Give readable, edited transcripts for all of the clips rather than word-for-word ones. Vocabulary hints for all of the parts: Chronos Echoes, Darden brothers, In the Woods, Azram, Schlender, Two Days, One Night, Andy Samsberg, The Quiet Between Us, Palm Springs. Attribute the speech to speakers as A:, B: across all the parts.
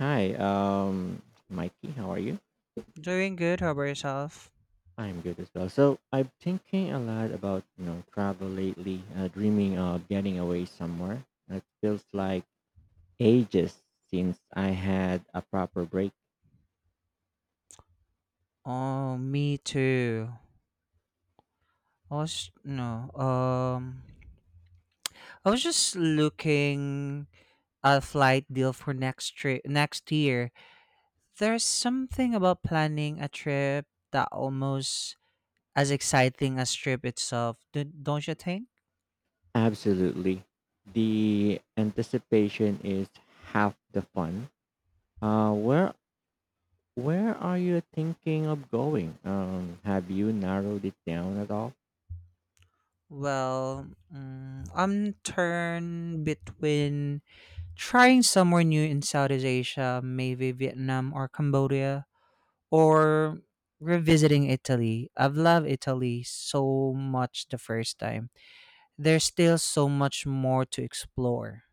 A: Hi, um, Mikey, how are you?
B: Doing good. How about yourself?
A: I'm good as well. So I'm thinking a lot about travel lately. Dreaming of getting away somewhere. It feels like ages since I had a proper break.
B: Oh, me too. I was no. I was just looking at a flight deal for next trip next year. There's something about planning a trip that almost as exciting as trip itself. Don't you think?
A: Absolutely, the anticipation is half the fun. Uh, where where are you thinking of going? Have you narrowed it down at all?
B: Well, I'm torn between trying somewhere new in Southeast Asia, maybe Vietnam or Cambodia or revisiting Italy. I've loved Italy so much the first time. There's still so much more to explore.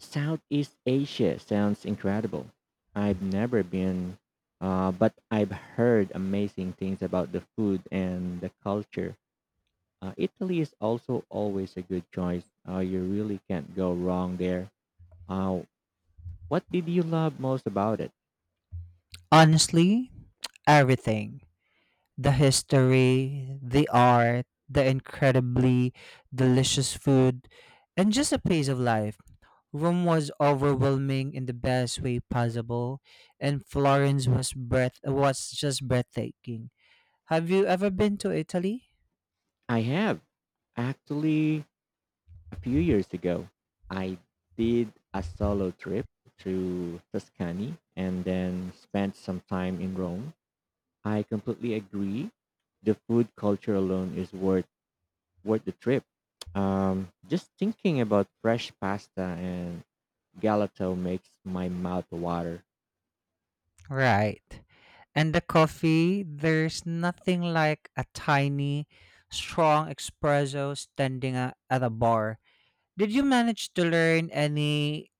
A: Southeast Asia sounds incredible. I've never been, but I've heard amazing things about the food and the culture. Italy is also always a good choice. You really can't go wrong there. Uh, what did you love most about it?
B: Honestly, everything the history, the art, the incredibly delicious food, and just a pace of life. Rome was overwhelming in the best way possible, and Florence was breath was just breathtaking. Have you ever been to Italy?
A: I have, actually, a few years ago. I did a solo trip to Tuscany and then spent some time in Rome. I completely agree. The food culture alone is worth the trip. Just thinking about fresh pasta and galato makes my mouth water.
B: Right. And the coffee, there's nothing like a tiny, strong espresso standing at a bar. Did you manage to learn any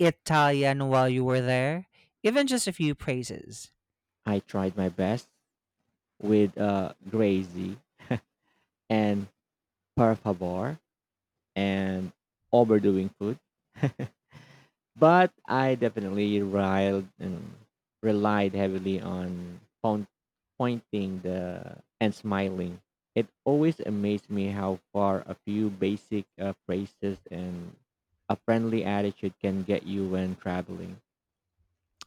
B: Italian while you were there? Even just a few phrases.
A: I tried my best with Grazy and Per Favor and overdoing food. But I definitely relied heavily on pointing the and smiling. It always amazed me how far a few basic phrases and a friendly attitude can get you when traveling.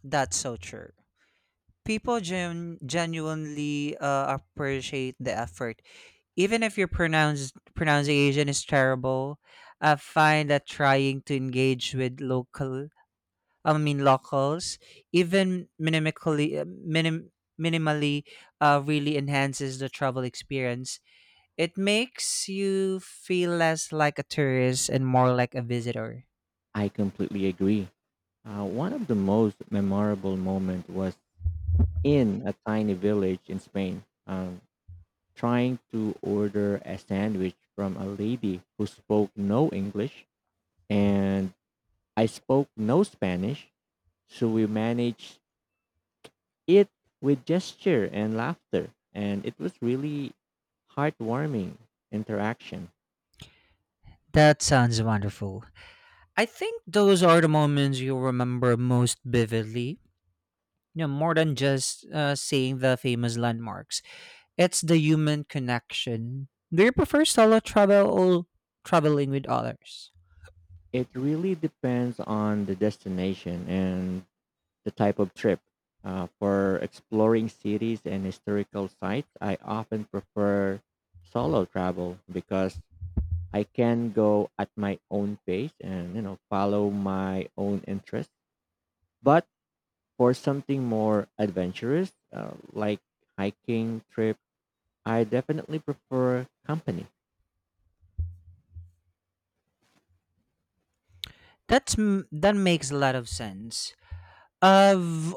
B: That's so true. People genuinely appreciate the effort. Even if your pronunciation is terrible, I find that trying to engage with locals, even minimally really enhances the travel experience. It makes you feel less like a tourist and more like a visitor.
A: I completely agree. One of the most memorable moments was in a tiny village in Spain, trying to order a sandwich from a lady who spoke no English and I spoke no Spanish, so we managed it with gesture and laughter, and it was really heartwarming interaction.
B: That sounds wonderful. I think those are the moments you'll remember most vividly. You know, more than just seeing the famous landmarks, it's the human connection. Do you prefer solo travel or traveling with others?
A: It really depends on the destination and the type of trip. For exploring cities and historical sites, I often prefer solo travel because I can go at my own pace and follow my own interests. But for something more adventurous, like hiking trip, I definitely prefer company.
B: That makes a lot of sense. I've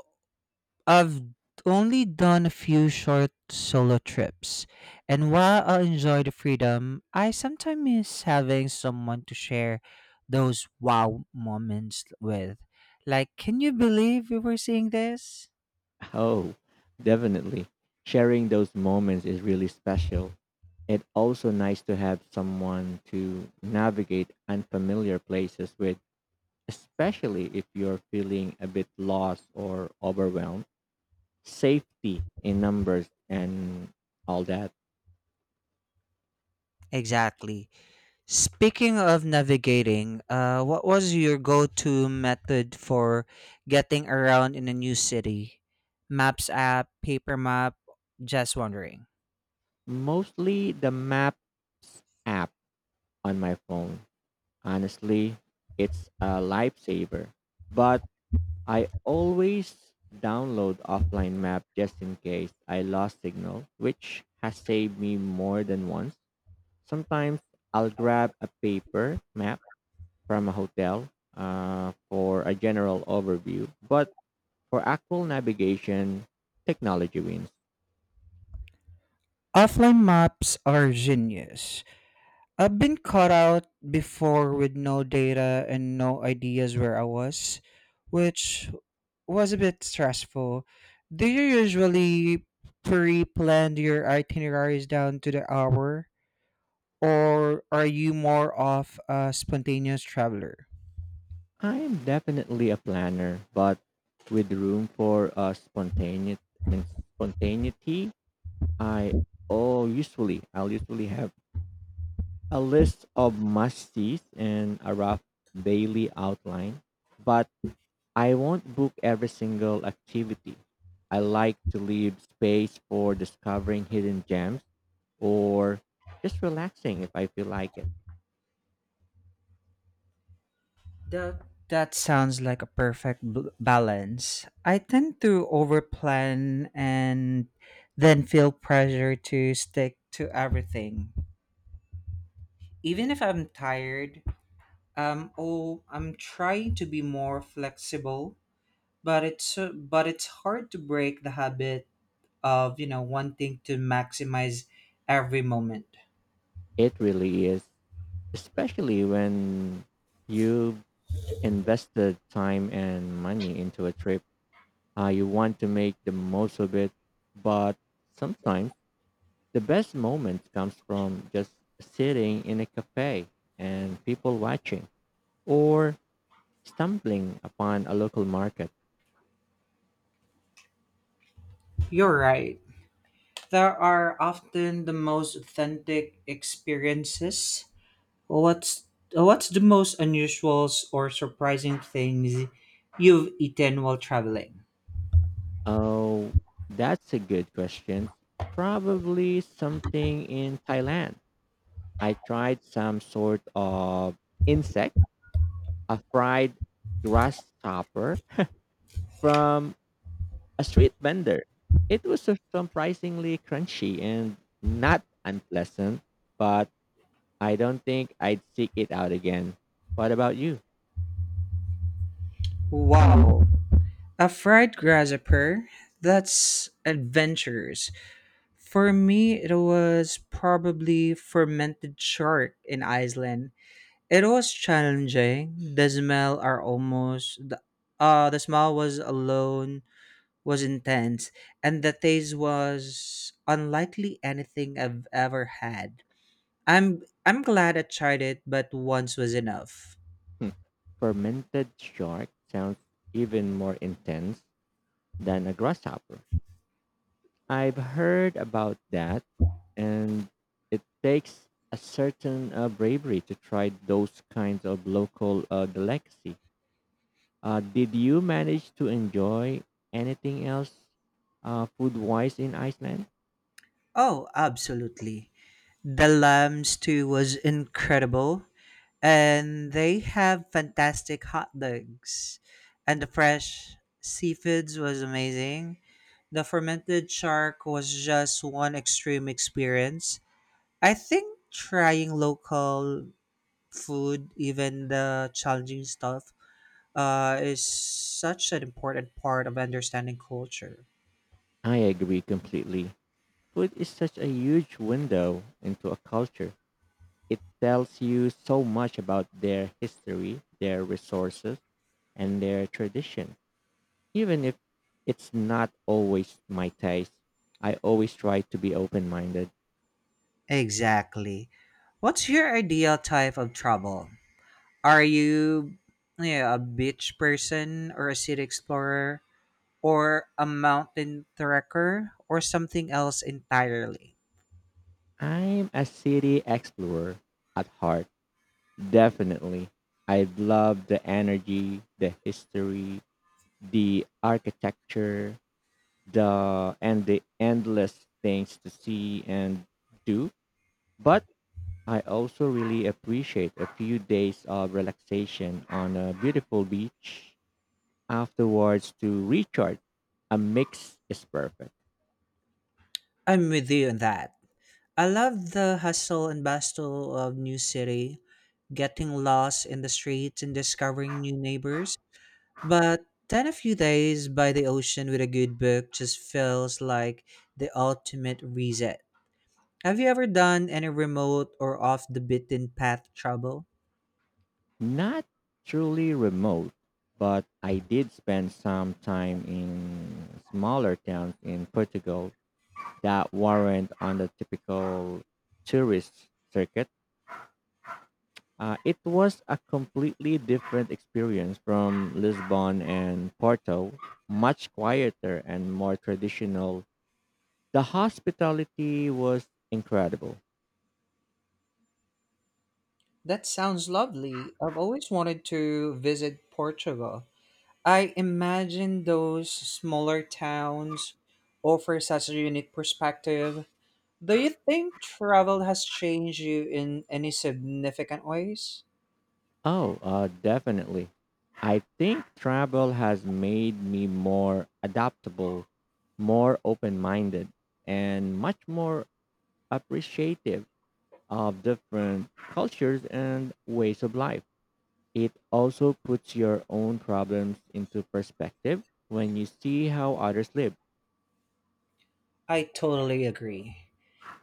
B: I've only done a few short solo trips, and while I enjoy the freedom, I sometimes miss having someone to share those wow moments with. Like, can you believe we were seeing this?
A: Oh, definitely. Sharing those moments is really special. It's also nice to have someone to navigate unfamiliar places with, especially if you're feeling a bit lost or overwhelmed. Safety in numbers and all that.
B: Exactly. Speaking of navigating, what was your go-to method for getting around in a new city? Maps app, paper map? Just wondering.
A: Mostly the maps app on my phone. Honestly, it's a lifesaver. But I always download offline map just in case I lost signal, which has saved me more than once. Sometimes I'll grab a paper map from a hotel for a general overview, but for actual navigation, technology wins.
B: Offline maps are genius. I've been caught out before with no data and no ideas where I was, which was a bit stressful. Do you usually pre plan your itineraries down to the hour, or are you more of a spontaneous traveler?
A: I am definitely a planner, but with room for mean, spontaneity, I I'll usually have a list of must-sees and a rough daily outline, but I won't book every single activity. I like to leave space for discovering hidden gems or just relaxing if I feel like it.
B: That that sounds like a perfect balance. I tend to overplan and then feel pressure to stick to everything. Even if I'm tired, oh, I'm trying to be more flexible, but it's hard to break the habit of, you know, wanting to maximize every moment.
A: It really is, especially when you invested time and money into a trip. You want to make the most of it, but sometimes the best moment comes from just sitting in a cafe and people watching or stumbling upon a local market.
B: You're right. There are often the most authentic experiences. What's what's the most unusual or surprising things you've eaten while traveling?
A: Oh, that's a good question. Probably something in Thailand. I tried some sort of insect, a fried grasshopper from a street vendor. It was surprisingly crunchy and not unpleasant, but I don't think I'd seek it out again. What about you?
B: Wow, a fried grasshopper? That's adventurous. For me, it was probably fermented shark in Iceland. It was challenging. The smell are almost the, The smell was alone was intense and the taste was unlikely anything I've ever had. I'm glad I tried it, but once was enough.
A: Hmm. Fermented shark sounds even more intense than a grasshopper. I've heard about that, and it takes a certain bravery to try those kinds of local delicacy. Did you manage to enjoy anything else food wise in Iceland?
B: Oh, absolutely. The lamb stew was incredible, and they have fantastic hot dogs. And the fresh seafoods was amazing. The fermented shark was just one extreme experience. I think trying local food, even the challenging stuff, is such an important part of understanding culture.
A: I agree completely. Food is such a huge window into a culture. It tells you so much about their history, their resources, and their tradition. Even if it's not always my taste, I always try to be open minded.
B: Exactly. What's your ideal type of travel? Are you yeah, a beach person or a city explorer or a mountain trekker or something else entirely?
A: I'm a city explorer at heart, definitely. I love the energy, the history, the architecture, the and the endless things to see and do. But I also really appreciate a few days of relaxation on a beautiful beach afterwards to recharge. A mix is perfect.
B: I'm with you on that. I love the hustle and bustle of new city, getting lost in the streets and discovering new neighbors. But then a few days by the ocean with a good book just feels like the ultimate reset. Have you ever done any remote or off the beaten path travel?
A: Not truly remote, but I did spend some time in smaller towns in Portugal that weren't on the typical tourist circuit. It was a completely different experience from Lisbon and Porto, much quieter and more traditional. The hospitality was incredible.
B: That sounds lovely. I've always wanted to visit Portugal. I imagine those smaller towns offer such a unique perspective. Do you think travel has changed you in any significant ways?
A: Oh, definitely. I think travel has made me more adaptable, more open minded, and much more appreciative of different cultures and ways of life. It also puts your own problems into perspective when you see how others live.
B: I totally agree.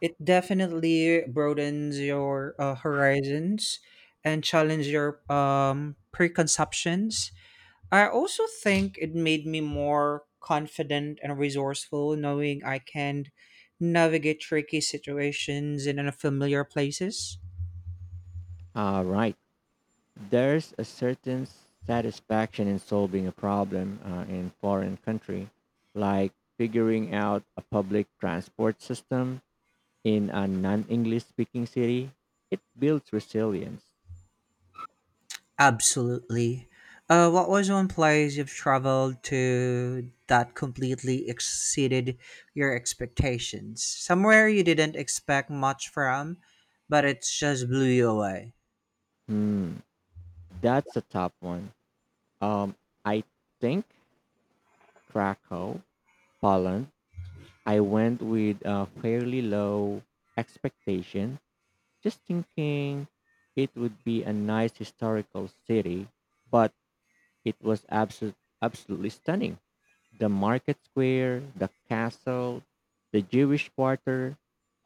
B: It definitely broadens your horizons and challenge your preconceptions. I also think it made me more confident and resourceful knowing I can navigate tricky situations in unfamiliar places.
A: All right. There's a certain satisfaction in solving a problem in foreign country, like figuring out a public transport system in a non-English speaking city. It builds resilience.
B: Absolutely. What was one place you've traveled to that completely exceeded your expectations? Somewhere you didn't expect much from, but it just blew you away.
A: Hmm, that's a top one. Um, I think Krakow, Poland. I went with a fairly low expectation, just thinking it would be a nice historical city, but it was absolutely stunning. The market square, the castle, the Jewish quarter,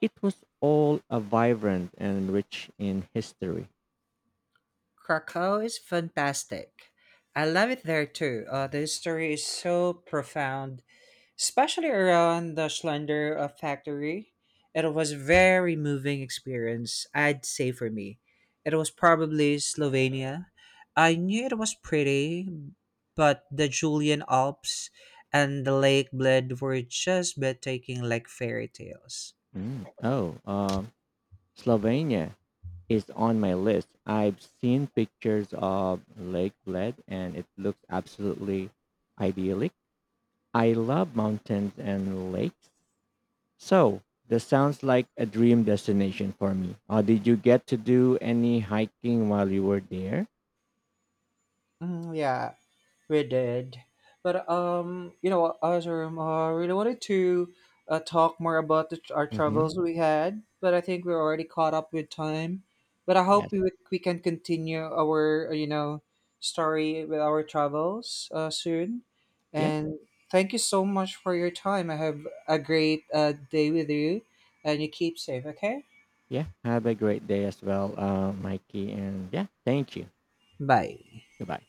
A: it was all a vibrant and rich in history.
B: Krakow is fantastic. I love it there too. The history is so profound especially around the Schlender factory. It was a very moving experience, I'd say for me. It was probably Slovenia. I knew it was pretty, but the Julian Alps and the Lake Bled were just breathtaking like fairy tales.
A: Mm. Oh, Slovenia is on my list. I've seen pictures of Lake Bled and it looks absolutely idyllic. I love mountains and lakes. So this sounds like a dream destination for me. Did you get to do any hiking while you were there?
B: Mm, yeah, we did. But you know what, Azram, I really wanted to talk more about our
A: Mm-hmm.
B: travels we had, but I think we're already caught up with time. But I
A: Yes.
B: hope we can continue our story with our travels soon.
A: Yeah.
B: And thank you so much for your time. I have a great day with you, and you keep safe. Okay.
A: Yeah. Have a great day as well, Mikey. And yeah, thank you.
B: Bye.
A: Goodbye.